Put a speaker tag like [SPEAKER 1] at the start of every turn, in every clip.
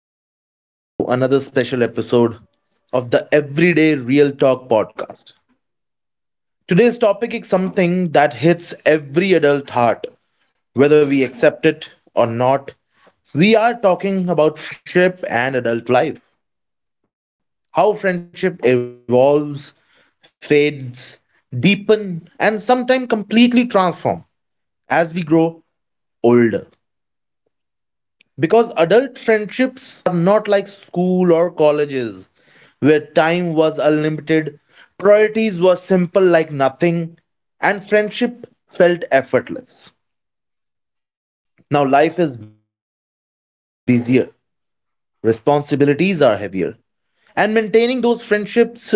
[SPEAKER 1] Welcome back to another special episode of the Everyday Real Talk podcast. Today's topic is something that hits every adult heart, whether we accept it or not. We are talking about friendship and adult life, how friendship evolves, fades, deepen, and sometimes completely transform as we grow older. Because adult friendships are not like school or colleges, where time was unlimited, priorities were simple like nothing, and friendship felt effortless. Now life is busier, responsibilities are heavier, and maintaining those friendships require intentions.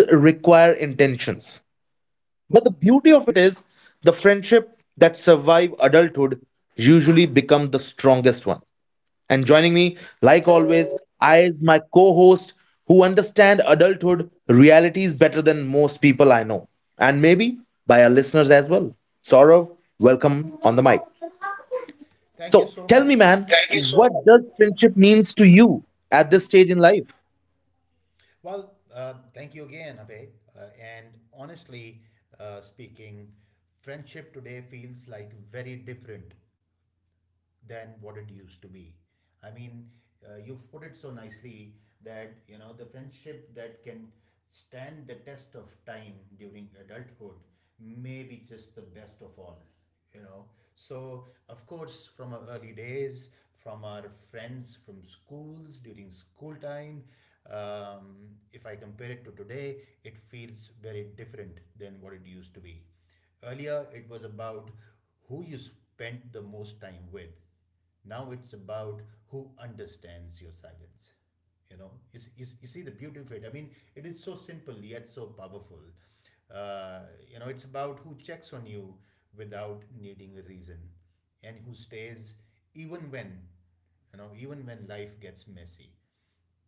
[SPEAKER 1] But the beauty of it is the friendship that survive adulthood usually become the strongest one, and joining me, like always, I is my co host who understand adulthood realities better than most people I know, and maybe by our listeners as well. Saurav, welcome on the mic.
[SPEAKER 2] Thank you
[SPEAKER 1] So
[SPEAKER 2] so
[SPEAKER 1] tell me,
[SPEAKER 2] much.
[SPEAKER 1] man, Thank you so what much. Does friendship means to you at this stage in life?
[SPEAKER 2] Well, thank you again, Abhay. And honestly speaking, friendship today feels like very different than what it used to be. I mean, you've put it so nicely that, you know, the friendship that can stand the test of time during adulthood may be just the best of all, you know. So, of course, from our early days, from our friends from schools during school time, if I compare it to today, it feels very different than what it used to be. Earlier, it was about who you spent the most time with. Now it's about who understands your silence. You see the beauty of it. I mean, it is so simple yet so powerful. Uh, you know, it's about who checks on you without needing a reason and who stays even when, you know, even when life gets messy.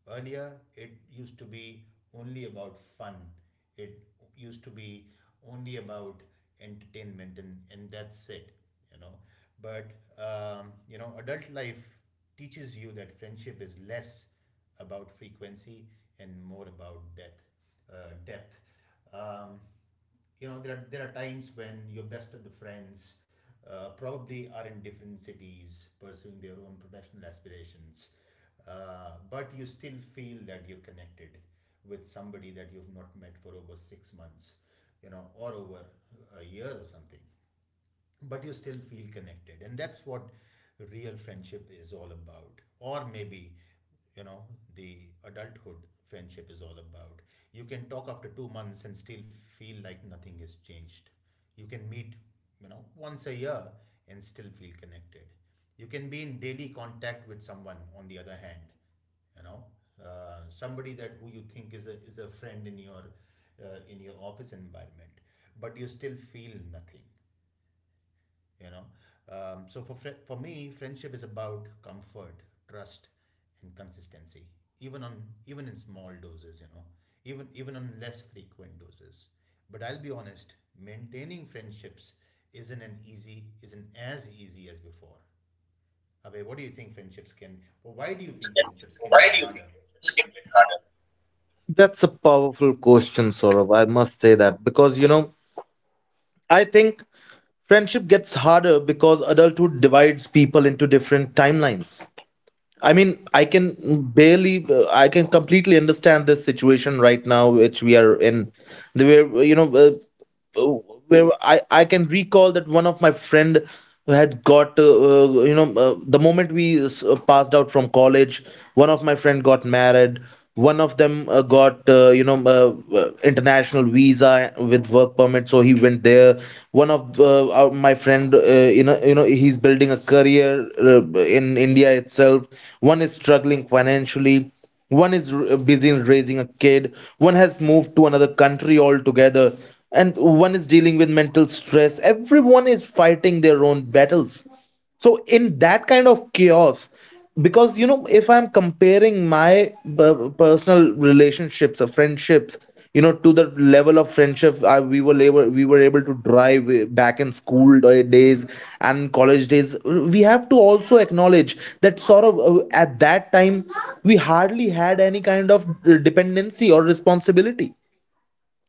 [SPEAKER 2] Earlier, it used to be only about fun. It used to be only about entertainment, and, that's it, you know. But you know, adult life teaches you that friendship is less about frequency and more about depth. Uh, depth. Um, you know, there are times when your best of the friends probably are in different cities pursuing their own professional aspirations, but you still feel that you're connected with somebody that you've not met for over 6 months, you know, or over a year or something, but you still feel connected. And that's what real friendship is all about. Or maybe, you know, the adulthood friendship is all about you can talk after 2 months and still feel like nothing has changed. You can meet, you know, once a year and still feel connected. You can be in daily contact with someone. On the other hand, you know, somebody that who you think is a friend in your office environment, but you still feel nothing, you know. So for me, friendship is about comfort, trust, and consistency, even on, even in small doses, you know, even on less frequent doses. But I'll be honest, maintaining friendships isn't as easy as before. Abhay, what do you think friendships can or why do you think friendships can get harder?
[SPEAKER 1] That's a powerful question, Saurav. I must say that, because you know, I think friendship gets harder because adulthood divides people into different timelines. I mean, I can I can completely understand this situation right now, which we are in. The where you know, oh, where I can recall that one of my friend who had got you know the moment we passed out from college, one of my friend got married, one of them got international visa with work permit, so he went there. One of my friend, he's building a career in india itself. One is struggling financially, one is busy in raising a kid, one has moved to another country altogether, and one is dealing with mental stress. Everyone is fighting their own battles. So in that kind of chaos, because you know, if I'm comparing my personal relationships or friendships, you know, to the level of friendship I, we were able to drive back in school days and college days, we have to also acknowledge that, sort of, at that time we hardly had any kind of dependency or responsibility.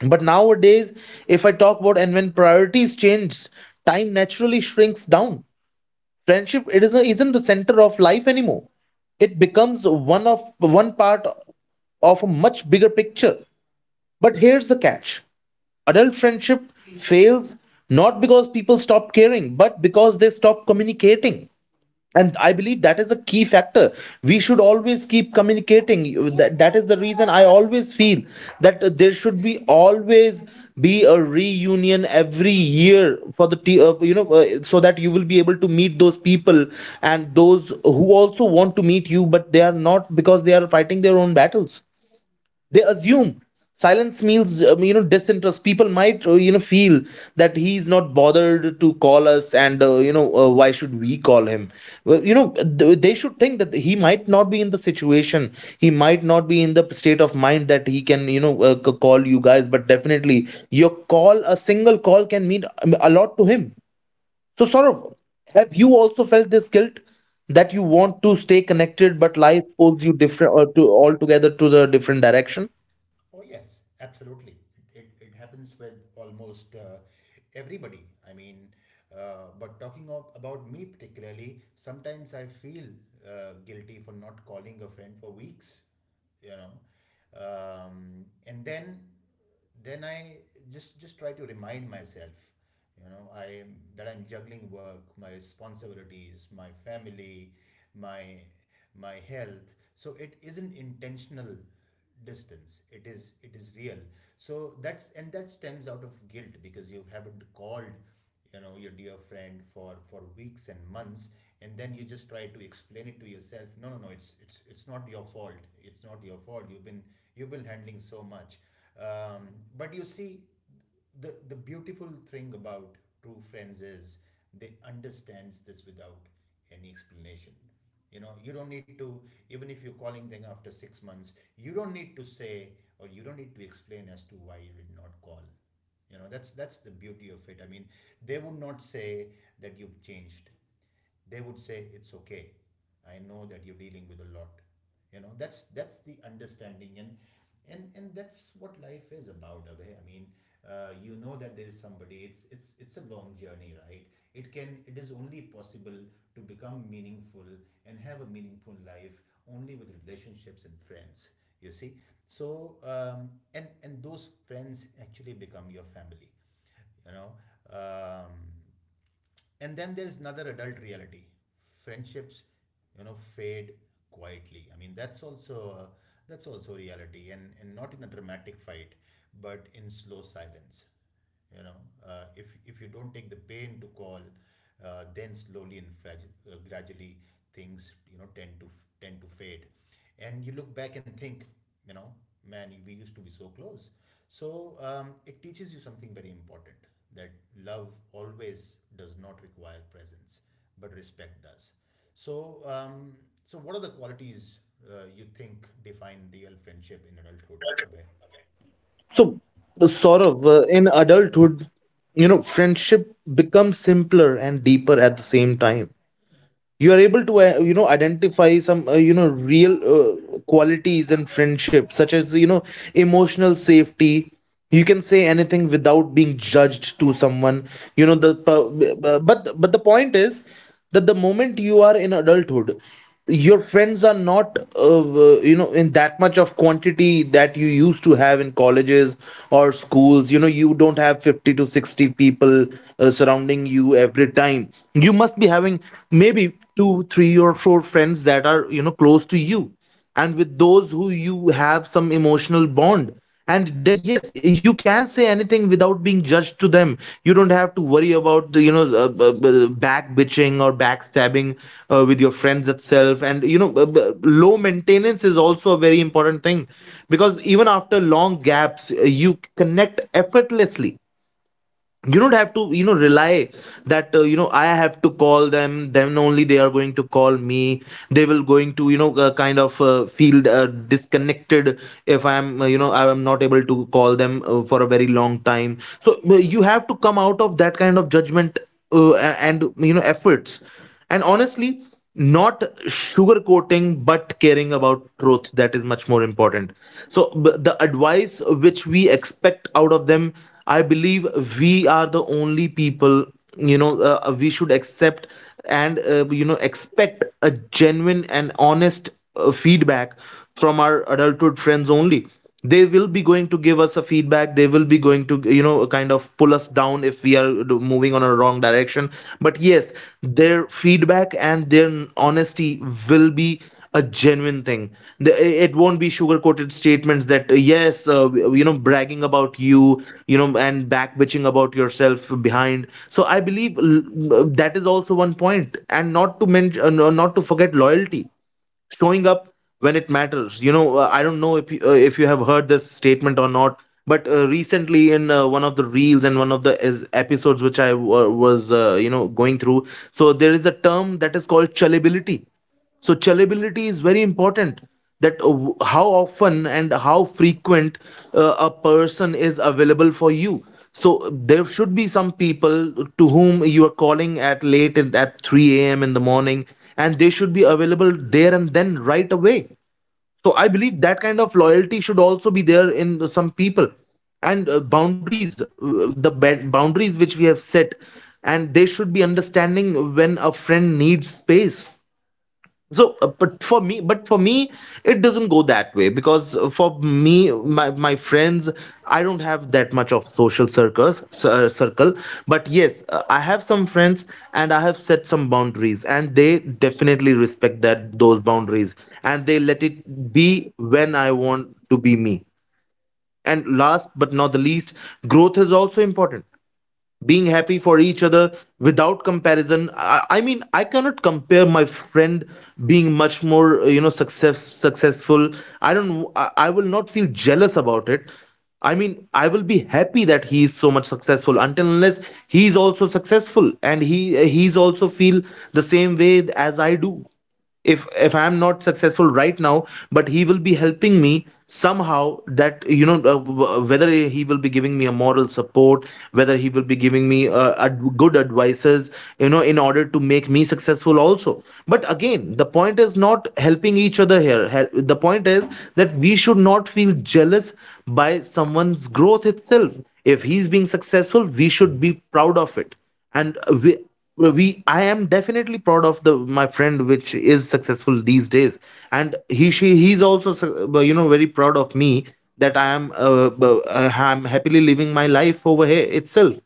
[SPEAKER 1] But nowadays, if I talk about, and when priorities change, time naturally shrinks down. Friendship, it isn't the center of life anymore. It becomes one part of a much bigger picture. But here's the catch. Adult friendship fails not because people stop caring, but because they stop communicating. And I believe that is a key factor. We should always keep communicating. That is the reason I always feel that there should be always be a reunion every year for the t- you know so that you will be able to meet those people. And those who also want to meet you but they are not, because they are fighting their own battles, they assume silence means, you know, disinterest. People might, you know, feel that he's not bothered to call us, and why should we call him? Well, you know, they should think that he might not be in the situation, he might not be in the state of mind that he can, you know, call you guys, but definitely your call, a single call, can mean a lot to him. So Saurav, have you also felt this guilt that you want to stay connected but life pulls you different or to altogether to the different direction?
[SPEAKER 2] Oh, yes, absolutely. It happens with almost everybody. I mean, but talking of, about me particularly, sometimes I feel guilty for not calling a friend for weeks, you know. And then I just try to remind myself, you know, I am that I'm juggling work, my responsibilities, my family, my my health. So it isn't intentional distance. It is, it is real. So that's, and that stems out of guilt because you haven't called, you know, your dear friend for weeks and months. And then you just try to explain it to yourself: no, no, no, it's, it's not your fault, it's not your fault, you've been, you've been handling so much. um, but you see, the beautiful thing about true friends is they understands this without any explanation. You know, you don't need to, even if you're calling them after 6 months, you don't need to say or you don't need to explain as to why you did not call. You know, that's the beauty of it. I mean, they would not say that you've changed. They would say it's okay, I know that you're dealing with a lot. You know, that's the understanding. And and that's what life is about, Abhay. I mean, you know, that there's somebody, it's, it's a long journey, right? It can, it is only possible to become meaningful and have a meaningful life only with relationships and friends, you see. So and those friends actually become your family, you know. um, and then there's another adult reality. Friendships, you know, fade quietly. I mean, that's also reality, and not in a dramatic fight, but in slow silence, you know. If you don't take the pain to call, then slowly and fragile, gradually things, you know, tend to tend to fade. And you look back and think, you know, man, we used to be so close. So it teaches you something very important: that love always does not require presence, but respect does. So what are the qualities you think define real friendship in adulthood, Abhay?
[SPEAKER 1] So, the Saurav, in adulthood, you know, friendship becomes simpler and deeper at the same time. You are able to, identify some, real qualities in friendship, such as, you know, emotional safety. You can say anything without being judged to someone. You know, the p- b- b- but the point is that the moment you are in adulthood, your friends are not in that much of quantity that you used to have in colleges or schools. You know, you don't have 50 to 60 people surrounding you every time. You must be having maybe two three or four friends that are, you know, close to you, and with those who you have some emotional bond. And they, yes, you can say anything without being judged to them. You don't have to worry about the, you know, back bitching or backstabbing with your friends itself. And you know, low maintenance is also a very important thing, because even after long gaps, you connect effortlessly. You don't have to, you know, rely that, you know, I have to call them, then only they are going to call me. They will going to, you know, kind of feel disconnected if I am, you know, I am not able to call them for a very long time. So you have to come out of that kind of judgment and you know, efforts. And honestly, not sugarcoating but caring about truth, that is much more important. So the advice which we expect out of them, I believe we are the only people, we should accept and, you know, expect a genuine and honest feedback from our adulthood friends only. They will be going to give us a feedback, they will be going to, you know, kind of pull us down if we are moving on a wrong direction. But yes, their feedback and their honesty will be a genuine thing. The- it won't be sugar coated statements that, yes, bragging about you, you know, and back bitching about yourself behind. So I believe that is also one point. And not to mention, not to forget loyalty, showing up when it matters. You know, I don't know if if you have heard this statement or not, but recently in one of the reels and one of the episodes which I was, you know, going through, so there is a term that is called chillability. So chillability is very important, that how often and how frequent a person is available for you. So there should be some people to whom you are calling at 3 a.m in the morning, and they should be available there and then right away. So I believe that kind of loyalty should also be there in some people. And boundaries which we have set, and they should be understanding when a friend needs space. So but for me, it doesn't go that way, because for me my friends, I don't have that much of circle. But yes, I have some friends, and I have set some boundaries, and they definitely respect that those boundaries, and they let it be when I want to be me. And last but not the least, growth is also important. Being happy for each other without comparison. I mean, I cannot compare my friend being much more, you know, successful. I don't I, I will not feel jealous about it. I mean, I will be happy that he is so much successful, until unless he is also successful and he's also feel the same way as I do. If I'm not successful right now, but he will be helping me somehow, that, you know, whether he will be giving me a moral support, whether he will be giving me good advices, you know, in order to make me successful also. But again, the point is not helping each other here. The point is that we should not feel jealous by someone's growth itself. If he's being successful, we should be proud of it. And we well, we I am definitely proud of the my friend which is successful these days. And he's also you know, very proud of me, that I am bu- I'm happily living my life over here itself.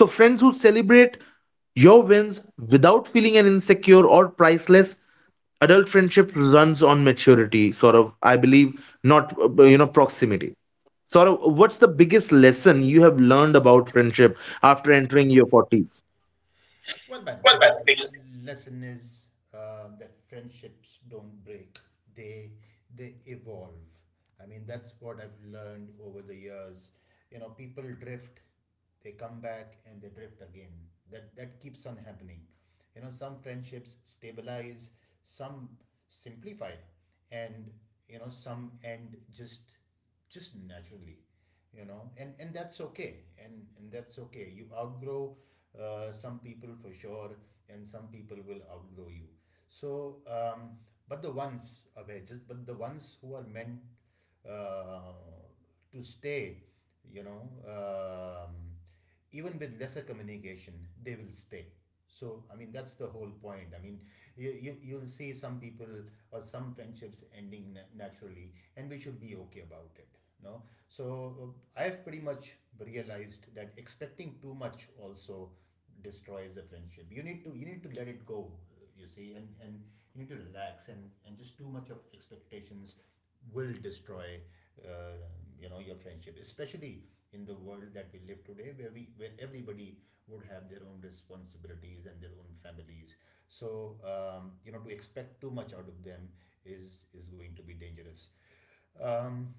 [SPEAKER 1] So friends who celebrate your wins without feeling an insecure or priceless. Adult friendship runs on maturity, sort of, I believe, not proximity, sort of. What's the biggest lesson you have learned about friendship after entering your 40s?
[SPEAKER 2] Well, my biggest lesson is that friendships don't break; they they evolve. I mean, that's what I've learned over the years. You know, people drift, they come back, and they drift again. That, that keeps on happening. You know, some friendships stabilize, some simplify, and you know, some end just naturally, you know. And that's okay, and that's okay. You outgrow some people for sure, and some people will outgrow you. So but the ones who are meant uh, to stay, you know, even with lesser communication, they will stay. So I mean, that's the whole point. I mean, you you'll see some people or some friendships ending naturally, and we should be okay about it. No, so I've pretty much realized that expecting too much also destroys a friendship. You need to, you need to let it go, you see. And you need to relax, and just too much of expectations will destroy uh, you know, your friendship, especially in the world that we live today where we where everybody would have their own responsibilities and their own families. So you know, to expect too much out of them is going to be dangerous. um,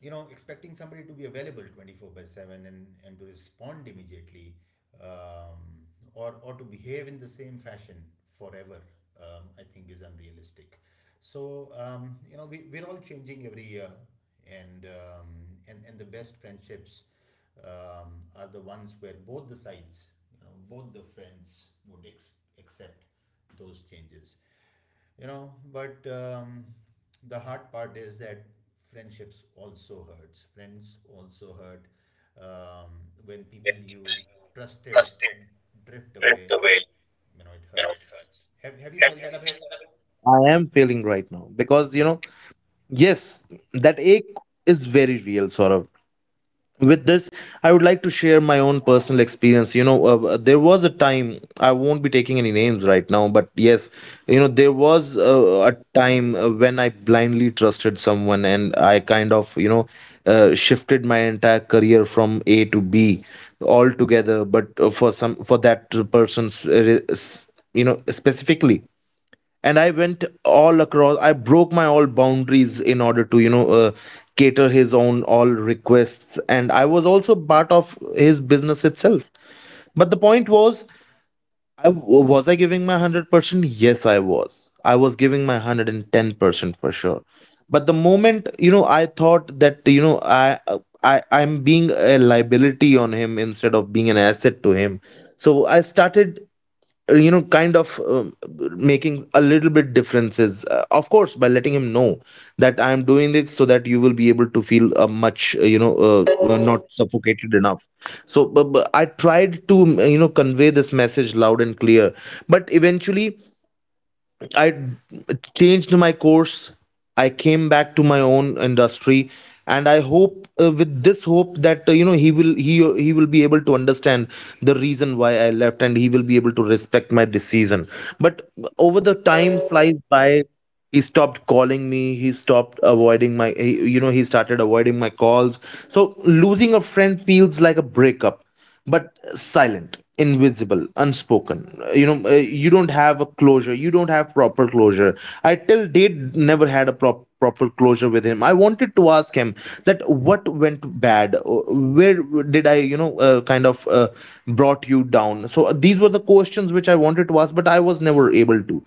[SPEAKER 2] you know, expecting somebody to be available 24 by 7 and to respond immediately, um, or to behave in the same fashion forever, I think is unrealistic. So you know, we, we're all changing every year, and um, and the best friendships are the ones where both the sides, you know, both the friends would accept those changes, you know. But the hard part is that friendships also hurts. Friends also hurt um, when people you trusted drift away. You know, it hurts. Have you felt that away?
[SPEAKER 1] I am feeling right now, because you know, yes, that ache is very real, sort of. With this, I would like to share my own personal experience. There was a time. I won't be taking any names right now, but yes, there was a time when I blindly trusted someone and I kind of, shifted my entire career from A to B altogether. But for for that person's, specifically. And I went all across. I broke my all boundaries in order to cater his own all requests, and I was also part of his business itself. But the point was, I was I giving my 100%. Yes, I was giving my 110% for sure. But the moment, I thought that, you know i I'm being a liability on him instead of being an asset to him. So I started kind of making a little bit differences, of course by letting him know that I am doing this so that you will be able to feel, much not suffocated enough. So but I tried to convey this message loud and clear. But eventually I changed my course. I came back to my own industry, and I hope, with this hope that, uh, he will be able to understand the reason why I left, and he will be able to respect my decision. But over the time flies by. He stopped calling me. He stopped avoiding my. He started avoiding my calls. So losing a friend feels like a breakup, but silent, invisible, unspoken. You don't have a closure. You don't have proper closure. I till date never had a proper closure with him. I wanted to ask him that what went bad. Where did I, kind of, brought you down? So these were the questions which I wanted to ask, but I was never able to.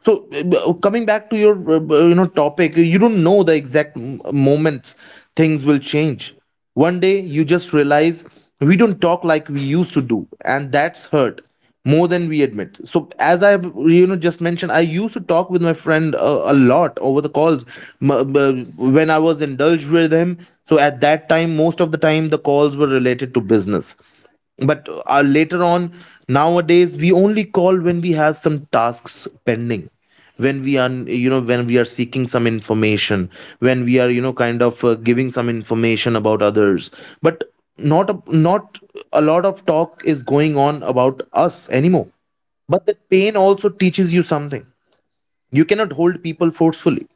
[SPEAKER 1] So, coming back to your, topic, you don't know the exact moments things will change. One day you just realize we don't talk like we used to do, and that's hurt more than we admit. So as I have just mentioned, I used to talk with my friend a lot over the calls. When I was indulged with him, so at that time most of the time the calls were related to business. But later on, nowadays we only call when we have some tasks pending, when we are when we are seeking some information, when we are kind of giving some information about others. But not a lot of talk is going on about us anymore. But that pain also teaches you something: you cannot hold people forcefully.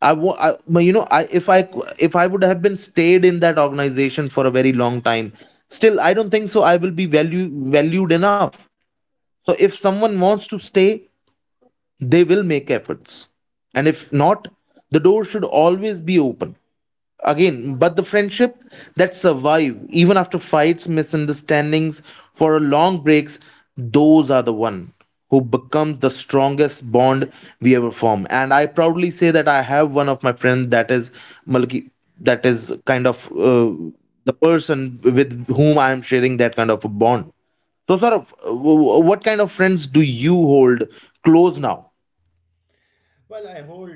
[SPEAKER 1] I want, I, but you know, I if I, if I would have been stayed in that organization for a very long time, still I don't think so. I will be valued enough. So if someone wants to stay, they will make efforts, and if not, the door should always be open again. But the friendship that survive even after fights, misunderstandings, for a long breaks, those are the one who becomes the strongest bond we ever form. And I proudly say that I have one of my friend, that is Malki, that is kind of, the person with whom I am sharing that kind of a bond. So sort of, what kind of friends do you hold close now?
[SPEAKER 2] Well, I hold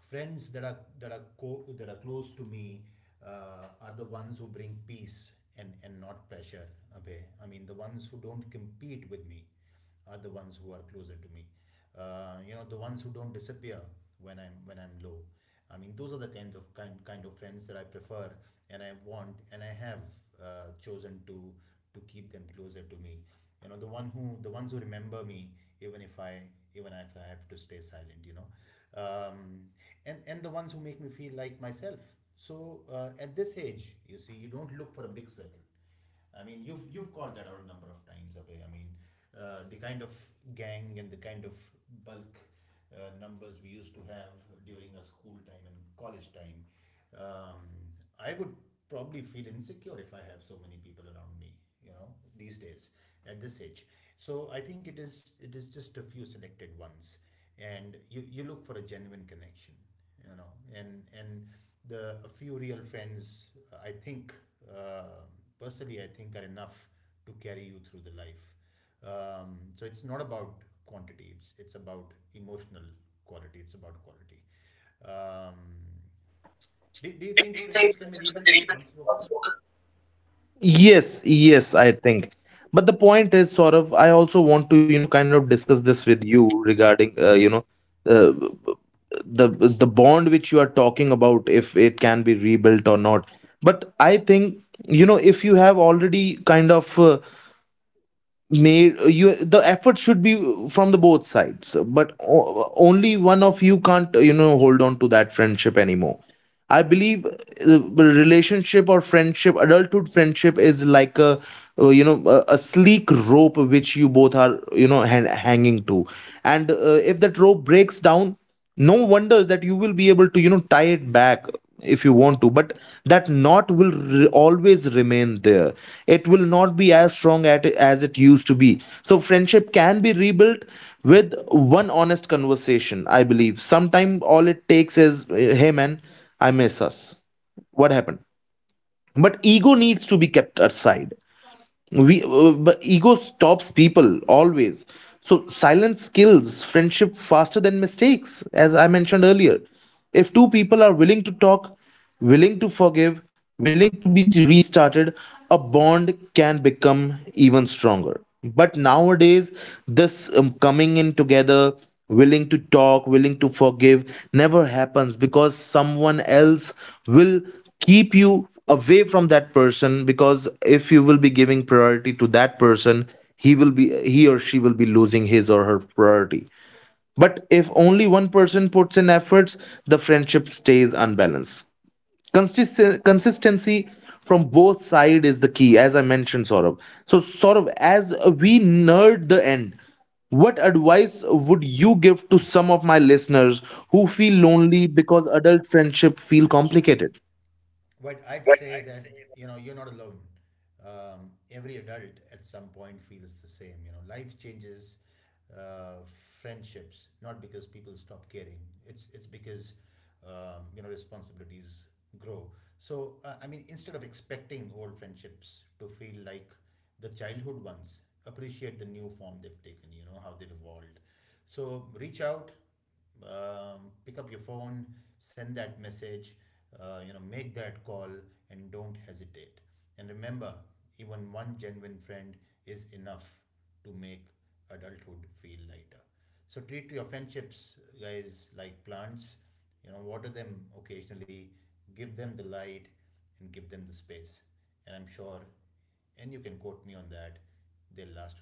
[SPEAKER 2] friends that are close to me, are the ones who bring peace and not pressure. Abhay, I mean, the ones who don't compete with me are the ones who are closer to me. You know, the ones who don't disappear when I'm low. I mean, those are the kind of friends that I prefer and I want, and I have chosen to keep them closer to me. You know, the ones who remember me, even if I, even if I have to stay silent. You know, um, and the ones who make me feel like myself. So at this age, you see, you don't look for a big circle. I mean, you've called that out a number of times, Abhay. I mean, the kind of gang and the kind of bulk numbers we used to have during our school time and college time. Um, I would probably feel insecure if I have so many people around me, you know, these days, at this age. So I think it is, it is just a few selected ones, and you look for a genuine connection, you know. And the a few real friends, I think, uh, personally I think, are enough to carry you through the life. So it's not about quantity, it's about emotional quality, it's about quality. um, do you think friendships can be rebuilt once broken?
[SPEAKER 1] Yes, yes, I think. But the point is, sort of, I also want to, you know, kind of discuss this with you regarding, uh, the bond which you are talking about, if it can be rebuilt or not. But I think, you know, if you have already kind of made you, the effort should be from the both sides, but only one of you can't, you know, hold on to that friendship anymore. I believe relationship or friendship, adulthood friendship is like a, a sleek rope which you both are, you know, hanging to. And if that rope breaks down, no wonder that you will be able to, you know, tie it back if you want to. But that knot will always remain there. It will not be as strong at as it used to be. So friendship can be rebuilt with one honest conversation, I believe. Sometimes all it takes is, hey man, I miss us, what happened? But ego needs to be kept aside. We uh, but ego stops people always. So silence kills friendship faster than mistakes, as I mentioned earlier. If two people are willing to talk, willing to forgive, willing to be restarted, a bond can become even stronger. But nowadays, this coming in together, willing to talk, willing to forgive, never happens, because someone else will keep you away from that person. Because if you will be giving priority to that person, he will be, he or she will be losing his or her priority. But if only one person puts in efforts, the friendship stays unbalanced. Consistency from both side is the key, as I mentioned, Saurabh. So, Saurabh, as we nerd the end, what advice would you give to some of my listeners who feel lonely because adult friendship feel complicated?
[SPEAKER 2] But I'd say that, you know, you're not alone. Every adult at some point feels the same. You know, life changes uh, friendships, not because people stop caring. It's because you know, responsibilities grow. So I mean, instead of expecting old friendships to feel like the childhood ones, appreciate the new form they've taken. You know how they've evolved. So reach out, pick up your phone, send that message, you know, make that call, and don't hesitate. And remember, even one genuine friend is enough to make adulthood feel lighter. So treat your friendships, guys, like plants. You know, water them occasionally, give them the light, and give them the space. And I'm sure, and you can quote me on that, they'll last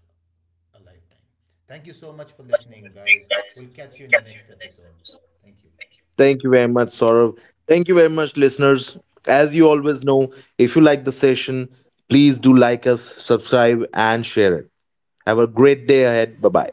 [SPEAKER 2] a lifetime. Thank you so much for listening, guys. We'll catch you in the next episode. Thank you.
[SPEAKER 1] Thank you very much, Saurabh. Thank you very much, listeners. As you always know, if you like the session, please do like us, subscribe, and share it. Have a great day ahead. Bye bye.